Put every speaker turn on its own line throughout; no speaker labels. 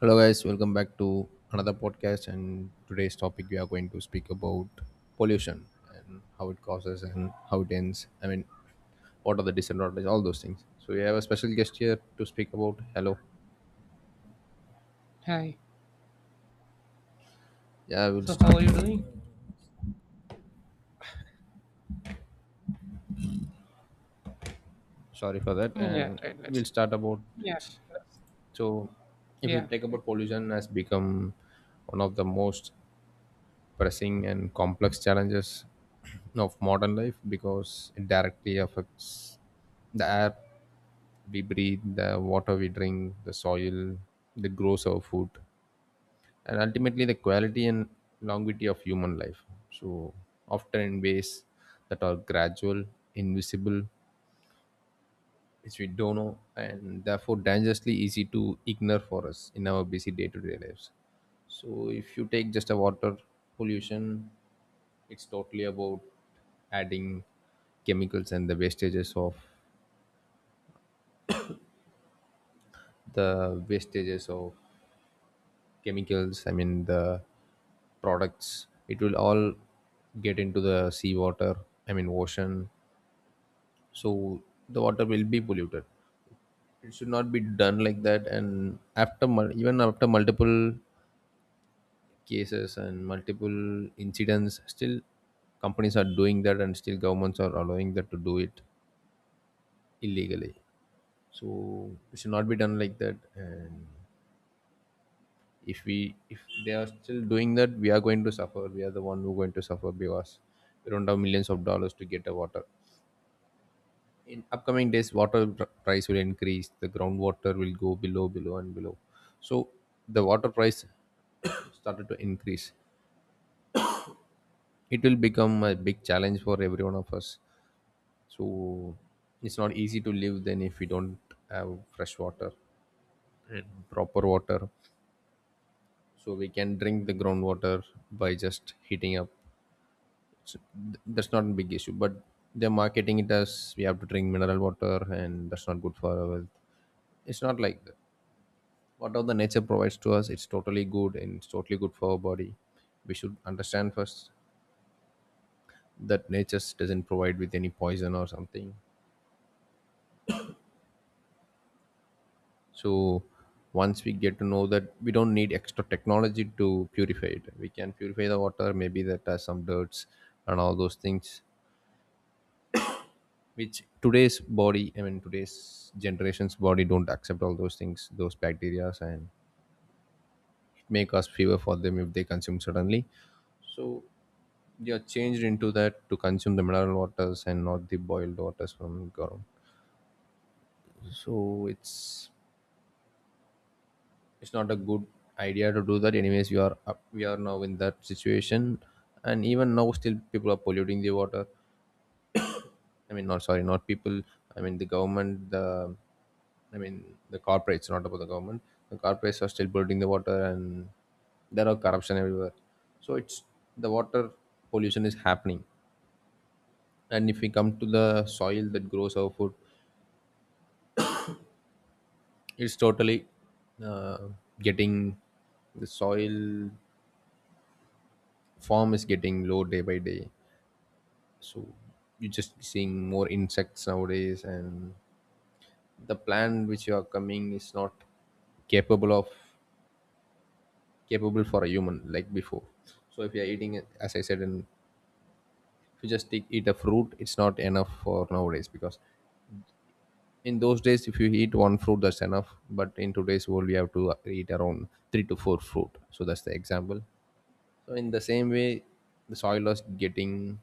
Hello, guys. Welcome back to another podcast. And today's topic, we are going to speak about pollution and how it causes and how it ends. I mean, what are the disadvantages, all those things. So, we have a special guest here to speak about. Hello.
Hi.
Yeah, we'll
So how are
start.
you doing?
Sorry for that.
Yeah,
And
right.
we'll
Let's.
start about
Yeah.
it.
let's-
So, if you
Yeah,
take
right.
about pollution, has become one of the most pressing and complex challenges of modern life because it directly affects the air we breathe, the water we drink, the soil that grows our food, and ultimately the quality and longevity of human life. So, often in ways that are gradual, invisible, which we don't know, and therefore dangerously easy to ignore for us in our busy day to day lives. So, if you take just a water pollution, it's totally about adding chemicals and the wastages of chemicals. I mean, the products, it will all get into the seawater. I mean, ocean. So the water will be polluted. It should not be done like that, and after even after multiple cases and multiple incidents, still companies are doing that, and still governments are allowing that to do it illegally. So it should not be done like that. And if they are still doing that, we are going to suffer. We are the one who are going to suffer because we don't have millions of dollars to get a water. In upcoming days, water price will increase. The groundwater will go below, below, and below. So the water price started to increase. It will become a big challenge for every one of us. So it's not easy to live then if we don't have fresh water and proper water. So we can drink the groundwater by just heating up. That's not a big issue, but they're marketing it as we have to drink mineral water, and that's not good for our health. It's not like that. Whatever the nature provides to us, it's totally good, and it's totally good for our body. We should understand first that nature doesn't provide with any poison or something. So once we get to know that, we don't need extra technology to purify it. We can purify the water maybe that has some dirts and all those things, which today's body, I mean today's generation's body, don't accept all those things, those bacteria, and it may cause fever for them if they consume suddenly. So they are changed into that to consume the mineral waters and not the boiled waters from ground. So it's not a good idea to do that. Anyways, we are now in that situation. And even now, still people are polluting the water. I mean, not sorry, not people. I mean, the government, the I mean, the corporates, not about the government. The corporates are still polluting the water, and there are corruption everywhere. So it's, the water pollution is happening. And if we come to the soil that grows our food, it's totally uh, getting, the soil form is getting low day by day. So you're just seeing more insects nowadays, and the plant which you are coming is not capable of capable for a human like before. So if you're eating it, as I said, and if you just eat a fruit, it's not enough for nowadays because in those days if you eat one fruit that's enough, but in today's world we have to eat around three to four fruit. So that's the example. So in the same way, the soil is getting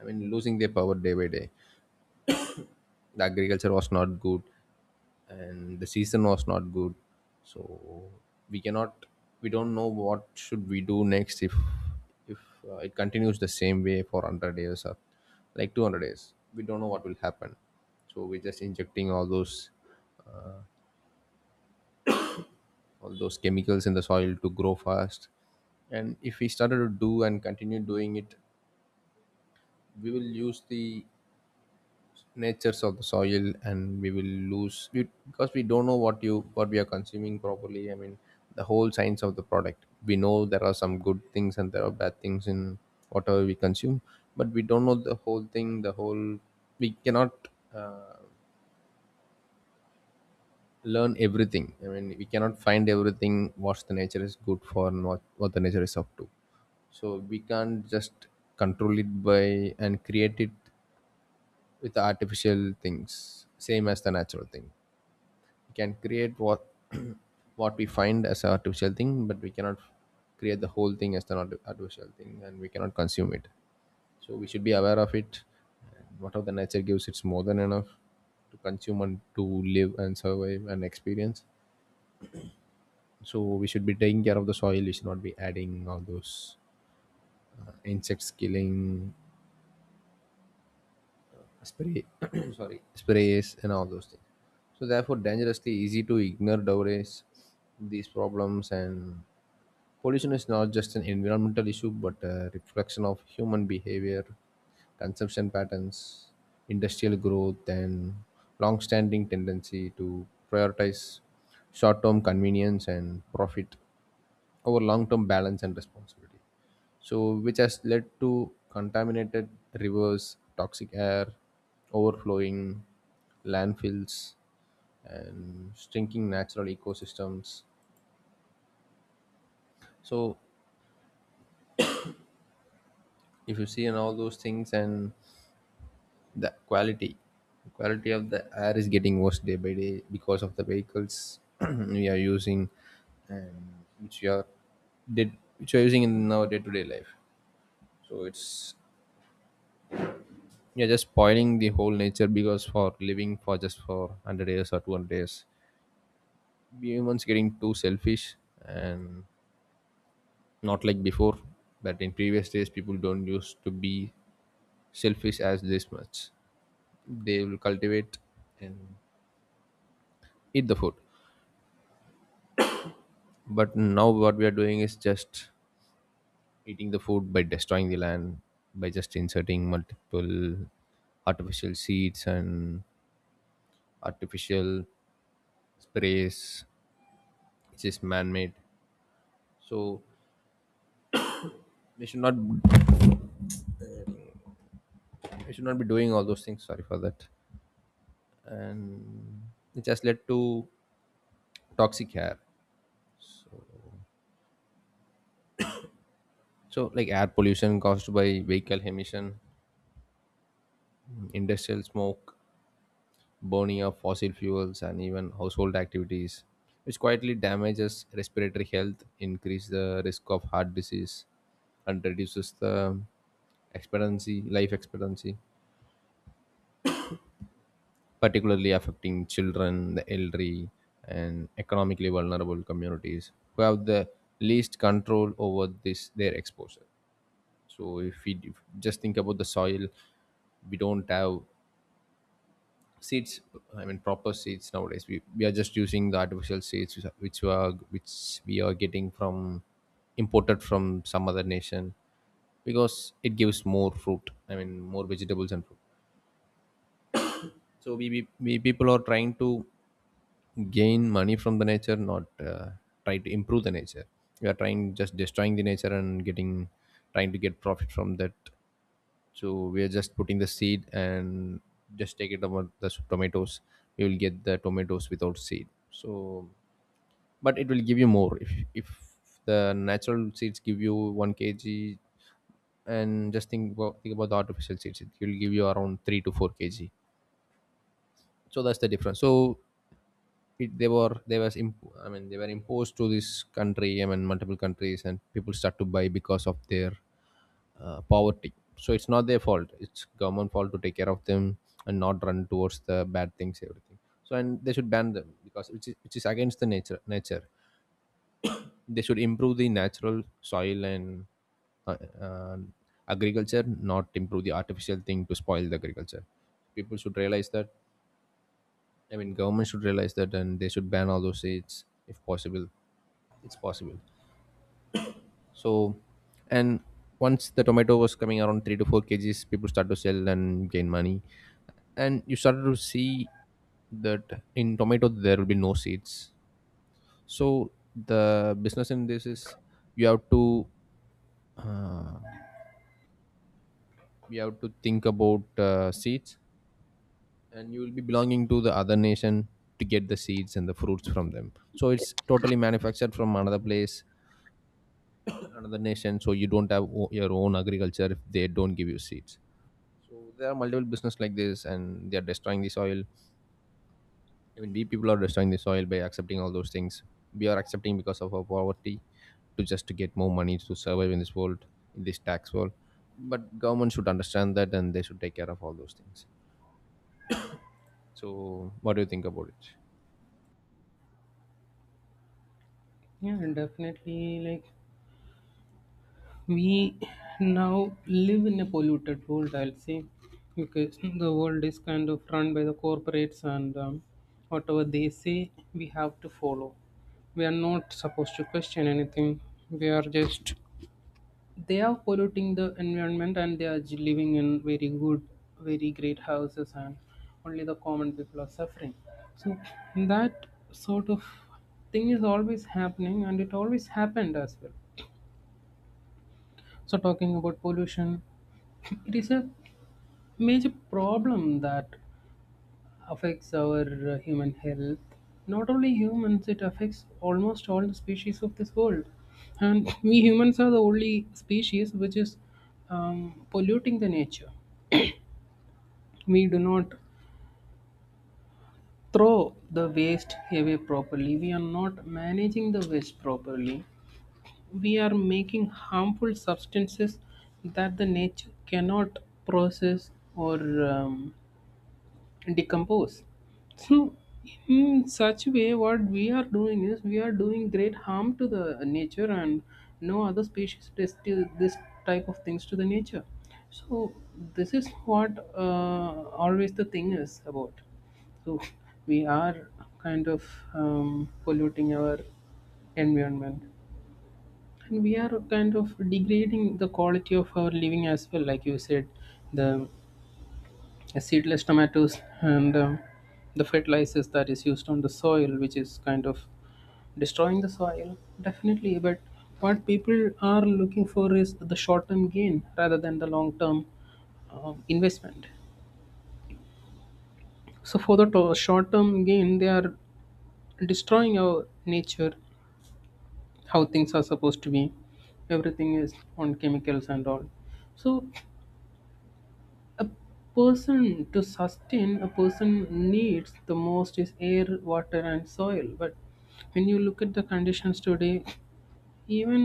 I mean, losing their power day by day. The agriculture was not good, and the season was not good. So we cannot, we don't know what should we do next if if it continues the same way for 100 years or like 200 years. We don't know what will happen. So we're just injecting all those chemicals in the soil to grow fast. And if we started to do and continue doing it, we will use the natures of the soil, and we will lose, because we don't know what we are consuming properly. I mean, the whole science of the product, we know there are some good things and there are bad things in whatever we consume, but we don't know the whole thing, the whole we cannot uh, learn everything. I mean, we cannot find everything what the nature is good for and what the nature is up to. So we can't just control it by and create it with artificial things same as the natural thing. We can create what what we find as an artificial thing, but we cannot create the whole thing as an artificial thing, and we cannot consume it. So we should be aware of it. And whatever the nature gives, it's more than enough to consume and to live and survive and experience. So we should be taking care of the soil. We should not be adding all those insects killing spray sorry sprays and all those things, so therefore dangerously easy to ignore nowadays these problems. And pollution is not just an environmental issue but a reflection of human behavior, consumption patterns, industrial growth, and long standing tendency to prioritize short term convenience and profit over long term balance and responsibility. So, which has led to contaminated rivers, toxic air, overflowing landfills, and shrinking natural ecosystems. So, if you see and all those things, and the quality of the air is getting worse day by day because of the vehicles we are using, and which we are did which we are using in our day-to-day life. So it's, yeah, just spoiling the whole nature, because for living, for just for 100 years or 200 years, we humans getting too selfish, and not like before. But in previous days, people don't used to be selfish as this much. They will cultivate and eat the food, but now what we are doing is just eating the food by destroying the land, by just inserting multiple artificial seeds and artificial sprays, which is man-made. So we should not we should not be doing all those things. Sorry for that. And it just led to toxic air. So like air pollution caused by vehicle emission, industrial smoke, burning of fossil fuels, and even household activities, which quietly damages respiratory health, increase the risk of heart disease, and reduces the life expectancy, particularly affecting children, the elderly, and economically vulnerable communities who have the least control over this their exposure. So if we if, just think about the soil, we don't have seeds, I mean proper seeds nowadays. We we are just using the artificial seeds which are which we are which we are getting from, imported from some other nation, because it gives more fruit, I mean more vegetables and fruit. So we people are trying to gain money from the nature, not try to improve the nature. We are trying just destroying the nature and getting trying to get profit from that. So we are just putting the seed, and just take it about the tomatoes. We will get the tomatoes without seed, so but it will give you more. If the natural seeds give you 1 kg, and just think about the artificial seeds, it will give you around 3 to 4 kg. So that's the difference. So it, they were they was imp- I mean, they were imposed to this country, I mean multiple countries, and people start to buy because of their poverty. So it's not their fault. It's government fault to take care of them and not run towards the bad things everything. So and they should ban them because which is against the nature. They should improve the natural soil and uh, uh, agriculture, not improve the artificial thing to spoil the agriculture. People should realize that. I mean, government should realize that, and they should ban all those seeds if possible. It's possible. So, and once the tomato was coming around 3 to 4 kgs, people start to sell and gain money, and you started to see that in tomato there will be no seeds. So the business in this is, you have to uh, you have to think about seeds, and you will be belonging to the other nation to get the seeds and the fruits from them. So it's totally manufactured from another place, another nation. So you don't have your own agriculture if they don't give you seeds. So there are multiple business like this, and they are destroying the soil. Even we people are destroying the soil by accepting all those things. We are accepting because of our poverty to just to get more money to survive in this world, in this tax world. But government should understand that, and they should take care of all those things. So what do you think about it?
Yeah, definitely. Like we now live in a polluted world, I'll say, because the world is kind of run by the corporates, and whatever they say, we have to follow. We are not supposed to question anything. We are just they are polluting the environment and they are living in very good very great houses, and only the common people are suffering. So that sort of thing is always happening, and it always happened as well. So talking about pollution, it is a major problem that affects our human health. Not only humans, it affects almost all the species of this world, and we humans are the only species which is polluting the nature. We do not throw the waste away properly, we are not managing the waste properly, we are making harmful substances that the nature cannot process or um, decompose. So, in such way, what we are doing is we are doing great harm to the nature, and no other species does do this type of things to the nature. So, this is what always the thing is about. So, we are kind of polluting our environment, and we are kind of degrading the quality of our living as well. Like you said, the seedless tomatoes and the fertilizers that is used on the soil, which is kind of destroying the soil definitely. But what people are looking for is the short term gain rather than the long term investment. So for the short term gain they are destroying our nature. How things are supposed to be, everything is on chemicals and all. So a person, to sustain a person needs the most is air, water and soil. But when you look at the conditions today, even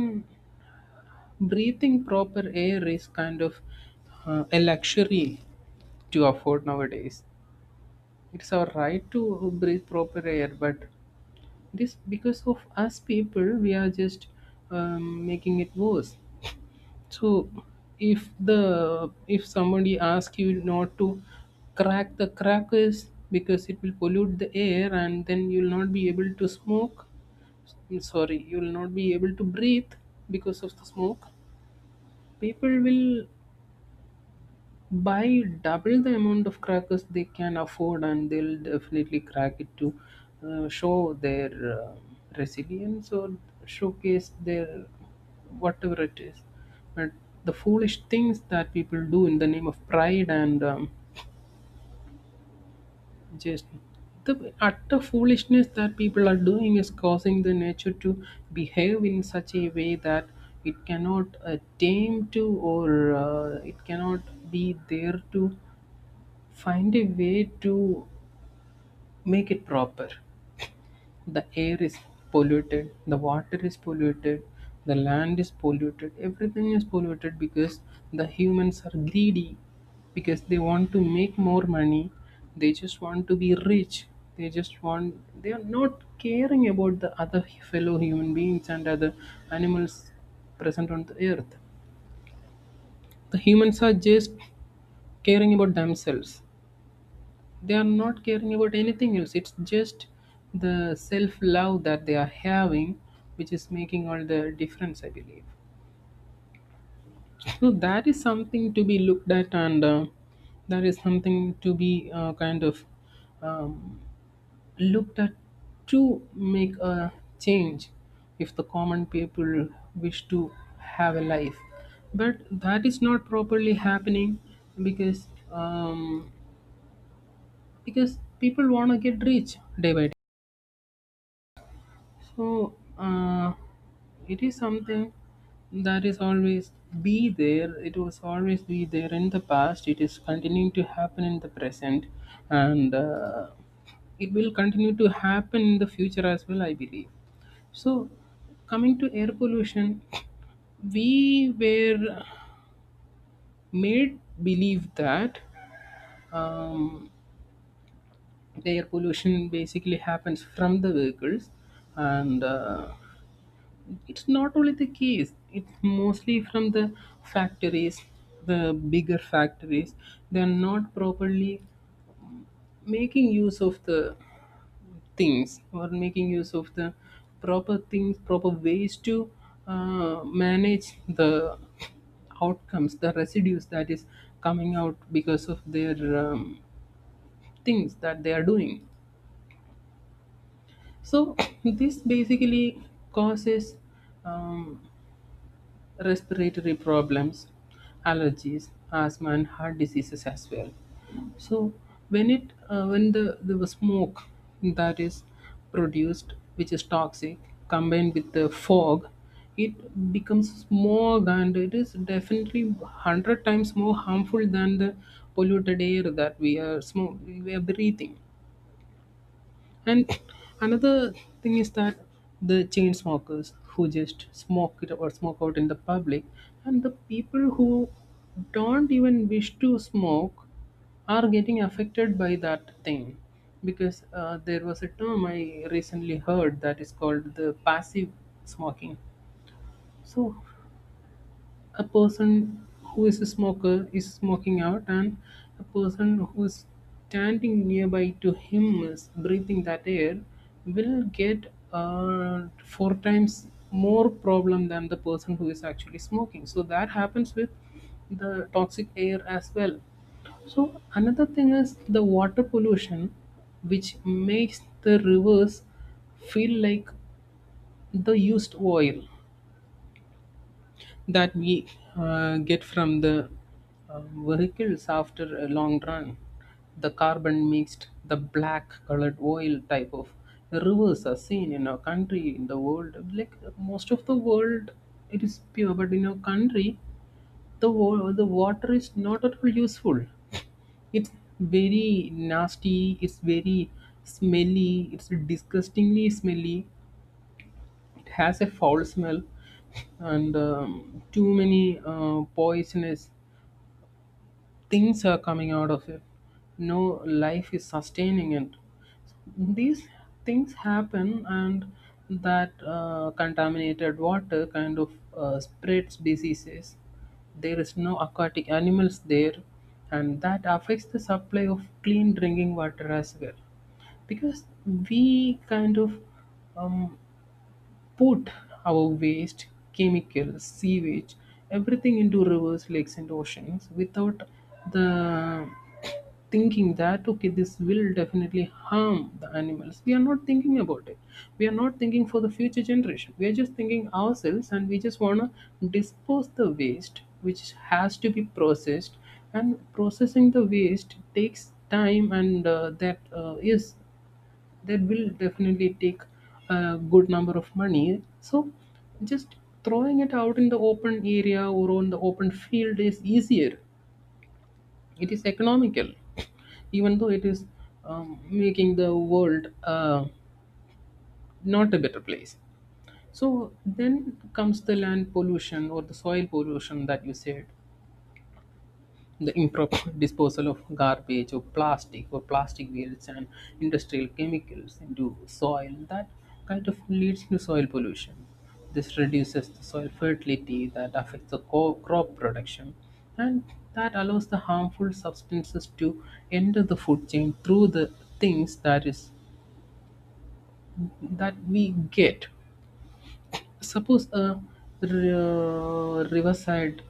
breathing proper air is kind of a luxury to afford nowadays. It's our right to breathe proper air, but this, because of us people, we are just making it worse. So if the if somebody asks you not to crack the crackers because it will pollute the air, and then you'll not be able to smoke, I'm sorry, you'll not be able to breathe because of the smoke, people will buy double the amount of crackers they can afford, and they'll definitely crack it to show their resilience or showcase their whatever it is. But the foolish things that people do in the name of pride and just the utter foolishness that people are doing is causing the nature to behave in such a way that it cannot tame to, or it cannot be there to find a way to make it proper. The air is polluted, the water is polluted, the land is polluted, everything is polluted, because the humans are greedy, because they want to make more money, they just want to be rich, they just want, they are not caring about the other fellow human beings and other animals present on the earth. The humans are just caring about themselves, they are not caring about anything else. It's just the self love that they are having which is making all the difference, I believe. So that is something to be looked at, and that is something to be kind of um, looked at, to make a change, if the common people wish to have a life. But that is not properly happening because people want to get rich day by So it is something that is always be there. It was always be there in the past. It is continuing to happen in the present, and it will continue to happen in the future as well. I believe. So coming to air pollution, we were made believe that um, the air pollution basically happens from the vehicles, and it's not only the case, it's mostly from the factories, the bigger factories. They're not properly making use of the things, or making use of the proper things, proper ways to manage the outcomes, the residues that is coming out because of their um, things that they are doing. So this basically causes um, respiratory problems, allergies, asthma, and heart diseases as well. So when it when the smoke that is produced, which is toxic, combined with the fog, it becomes smog, and it is definitely 100 times more harmful than the polluted air that we are breathing. And another thing is that the chain smokers, who just smoke it or smoke out in the public, and the people who don't even wish to smoke, are getting affected by that thing. Because there was a term I recently heard that is called the passive smoking. So a person who is a smoker is smoking out, and a person who is standing nearby to him is breathing that air, will get four times more problem than the person who is actually smoking. So that happens with the toxic air as well. So another thing is the water pollution, which makes the rivers feel like the used oil that we get from the vehicles after a long run. The carbon mixed, the black colored oil type of rivers are seen in our country, in the world. Like most of the world, it is pure, but in our country, the water is not at all useful. It's very nasty, it's very smelly, it's disgustingly smelly, it has a foul smell, and too many poisonous things are coming out of it. No life is sustaining it. These things happen, and that contaminated water kind of spreads diseases. There is no aquatic animals there, and that affects the supply of clean drinking water as well, because we kind of um, put our waste, chemicals, sewage, everything into rivers, lakes, and oceans, without the thinking that okay, this will definitely harm the animals. We are not thinking about it, we are not thinking for the future generation, we are just thinking ourselves, and we just want to dispose the waste which has to be processed. And processing the waste takes time, and that is, that will definitely take a good number of money. So just throwing it out in the open area or on the open field is easier, it is economical, even though it is making the world not a better place. So then comes the land pollution or the soil pollution that you said. The improper disposal of garbage or plastic, or plastic waste and industrial chemicals into soil, that kind of leads to soil pollution. This reduces the soil fertility, that affects the crop production, and that allows the harmful substances to enter the food chain through the things that is that we get. Suppose a riverside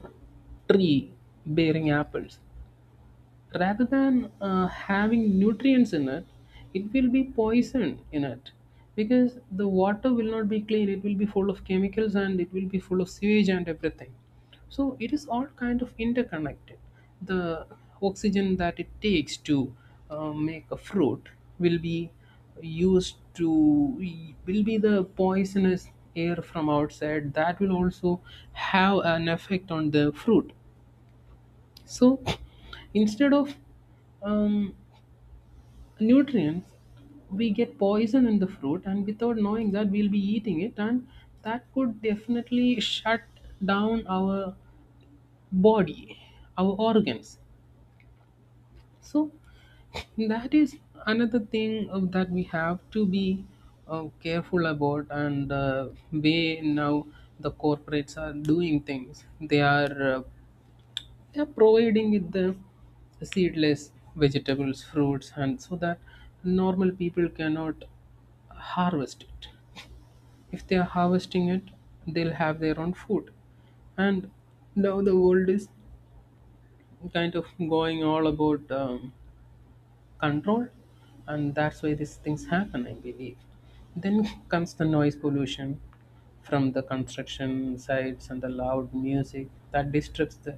tree bearing apples, rather than having nutrients in it, it will be poisoned in it, because the water will not be clean, it will be full of chemicals, and it will be full of sewage and everything. So it is all kind of interconnected. The oxygen that it takes to make a fruit will be used to, will be the poisonous air from outside that will also have an effect on the fruit. So instead of um, nutrients, we get poison in the fruit, and without knowing that we'll be eating it, and that could definitely shut down our body, our organs. So that is another thing that we have to be careful about. And way now the corporates are doing things, they are providing with the seedless vegetables, fruits, and so that normal people cannot harvest it. If they are harvesting it, they'll have their own food. And now the world is kind of going all about controlled, and that's why these things happen, I believe. Then comes the noise pollution from the construction sites and the loud music that disturbs the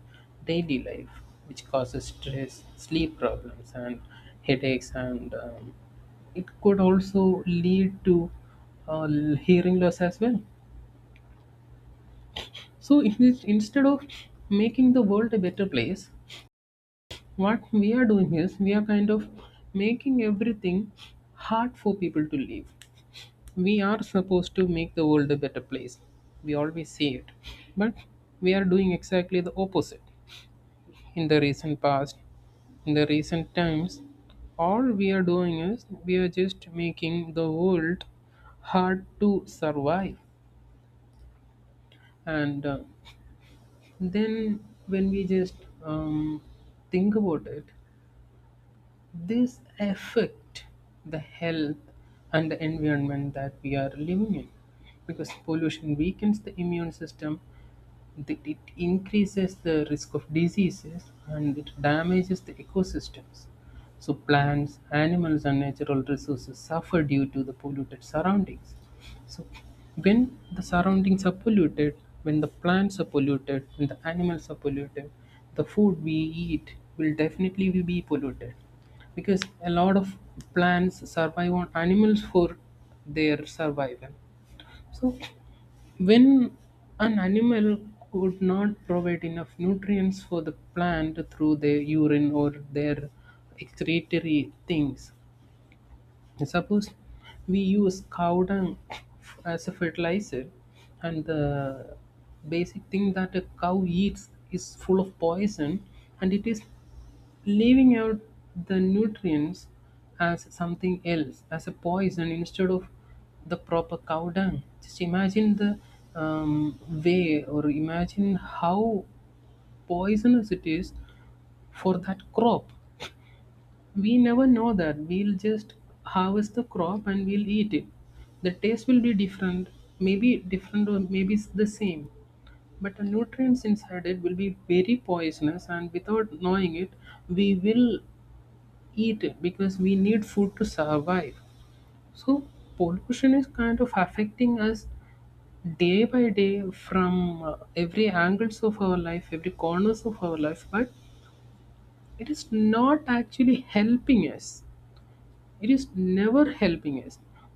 daily life, which causes stress, sleep problems and headaches, and it could also lead to uh, hearing loss as well. So instead of making the world a better place, what we are doing is we are kind of making everything hard for people to live. We are supposed to make the world a better place, we always say it. But we are doing exactly the opposite. In the recent past, in the recent times, all we are doing is we are just making the world hard to survive. And then when we just um, think about it, this affect the health and the environment that we are living in, because pollution weakens the immune system, it increases the risk of diseases, and it damages the ecosystems. So, plants, animals, and natural resources suffer due to the polluted surroundings. So, when the surroundings are polluted, when the plants are polluted, when the animals are polluted, the food we eat will definitely be polluted, because a lot of plants survive on animals for their survival. So when an animal could not provide enough nutrients for the plant through their urine or their excretory things. Suppose we use cow dung as a fertilizer, and the basic thing that a cow eats is full of poison, and it is leaving out the nutrients as something else, as a poison instead of the proper cow dung. Just imagine the um, way, or imagine how poisonous it is for that crop. We never know that, we'll just harvest the crop and we'll eat it. The taste will be different, maybe different or maybe it's the same, but the nutrients inside it will be very poisonous, and without knowing it we will eat it because we need food to survive. So pollution is kind of affecting us day by day from every angles of our life, every corners of our life, but it is not actually helping us. It is never helping us.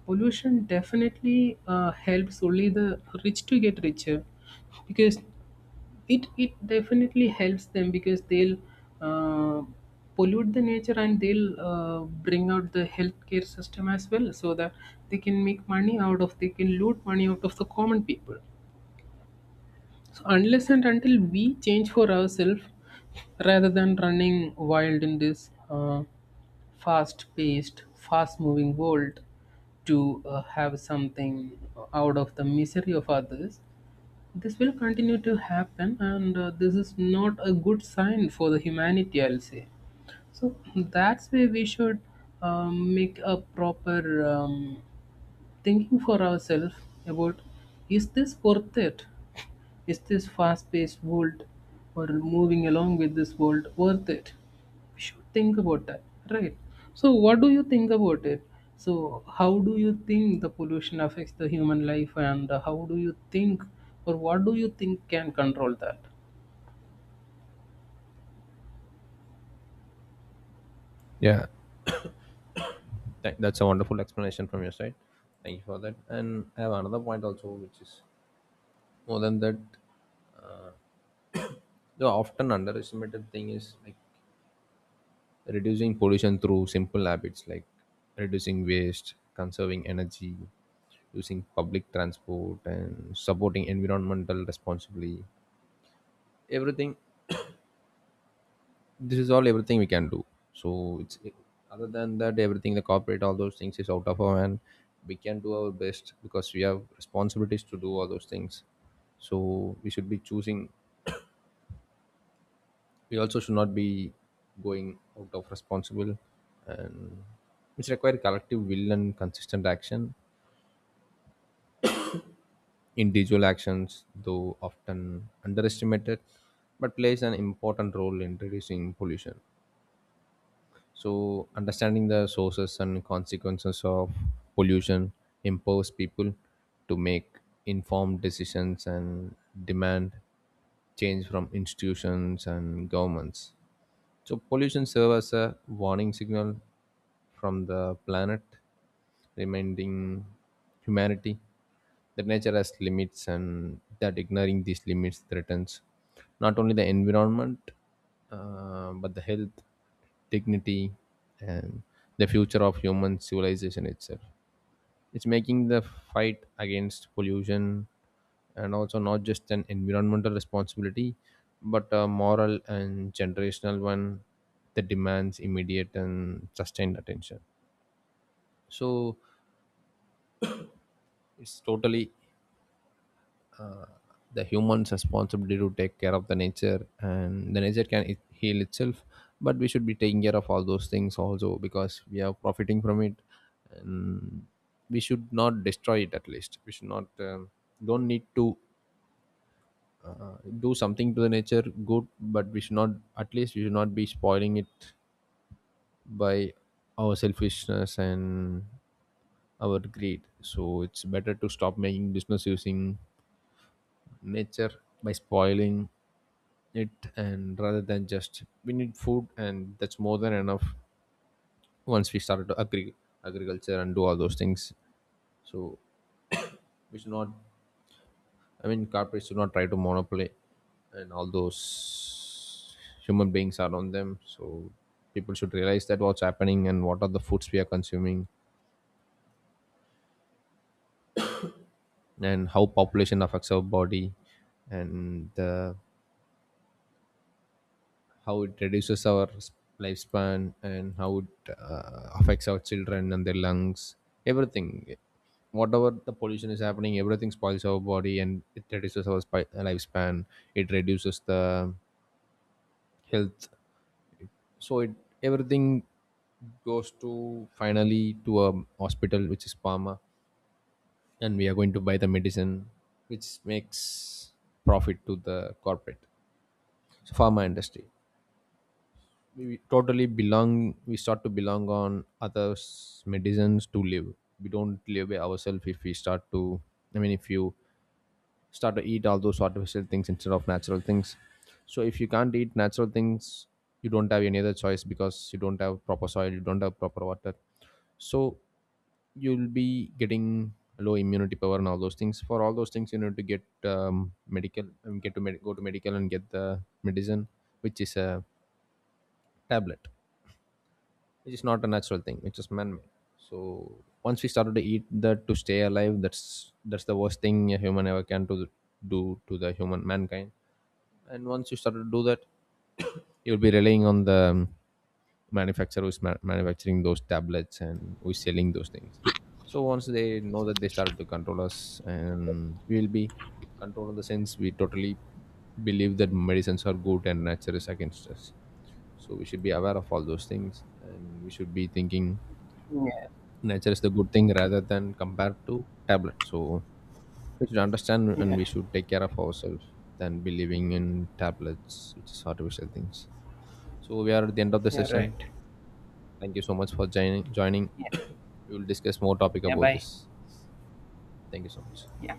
Pollution definitely helps only the rich to get richer, because it definitely helps them, because they'll uh, pollute the nature, and they'll bring out the healthcare system as well, so that they can make money out of, they can loot money out of the common people. So unless and until we change for ourselves, rather than running wild in this fast-paced, fast-moving world to have something out of the misery of others, this will continue to happen, and this is not a good sign for the humanity, I'll say. So that's where we should make a proper thinking for ourselves about, is this worth it? Is this fast paced world or moving along with this world worth it? We should think about that, right? So, what do you think about it? So, how do you think the pollution affects the human life, and how do you think, or what do you think can control that?
Yeah, that's a wonderful explanation from your side. Thank you for that. And I have another point also, which is more than that. The often underestimated thing is like reducing pollution through simple habits like reducing waste, conserving energy, using public transport, and supporting environmental responsibly. Everything, this is all everything we can do. So it's other than that, everything the corporate, all those things is out of our hand. We can do our best because we have responsibilities to do all those things. So we should be choosing, we also should not be going out of responsible, and which require collective will and consistent action. Individual actions, though often underestimated, but plays an important role in reducing pollution. So understanding the sources and consequences of pollution empowers people to make informed decisions and demand change from institutions and governments. So pollution serves as a warning signal from the planet, reminding humanity that nature has limits and that ignoring these limits threatens not only the environment, but the health, dignity, and the future of human civilization itself. It's making the fight against pollution and also not just an environmental responsibility, but a moral and generational one that demands immediate and sustained attention. So it's totally the human's responsibility to take care of the nature, and the nature can it heal itself. But we should be taking care of all those things also because we are profiting from it. We should not destroy it. At least we should not, don't need to do something to the nature good, but we should not, at least we should not be spoiling it by our selfishness and our greed. So it's better to stop making business using nature by spoiling it, and rather than just we need food and that's more than enough. Once we started to agriculture and do all those things. So we should not, I mean, corporates do not try to monopoly, and all those human beings around them. So people should realize that what's happening and what are the foods we are consuming, and how population affects our body, and how it reduces our lifespan, and how it affects our children and their lungs. Everything, whatever the pollution is happening, everything spoils our body and it reduces our lifespan. It reduces the health. So it everything goes to finally to a hospital which is Parma, and we are going to buy the medicine which makes profit to the corporate, so pharma industry. We totally belong. We start to belong on others' medicines to live. We don't live by ourselves if we start to. I mean, if you start to eat all those artificial things instead of natural things, so if you can't eat natural things, you don't have any other choice because you don't have proper soil, you don't have proper water. So you'll be getting low immunity power and all those things. For all those things you need to get medical, get to go to medical and get the medicine, which is a tablet, which is not a natural thing, which is man-made. So once we started to eat that to stay alive, that's the worst thing a human ever can to do to the human mankind. And once you start to do that, you'll be relying on the manufacturer who's manufacturing those tablets and who's selling those things. So once they know that, they started to control us and we'll be controlled. In the sense we totally believe that medicines are good and nature is against us. So we should be aware of all those things and we should be thinking
Yeah,
nature is the good thing rather than compared to tablet. So we should understand and we
yeah,
should take care of ourselves than believing in tablets which is artificial things. So we are at the end of the
yeah, right.
session. Thank you so much for joining. We will discuss more topic about
Bye.
this. Thank you so much.
Yeah.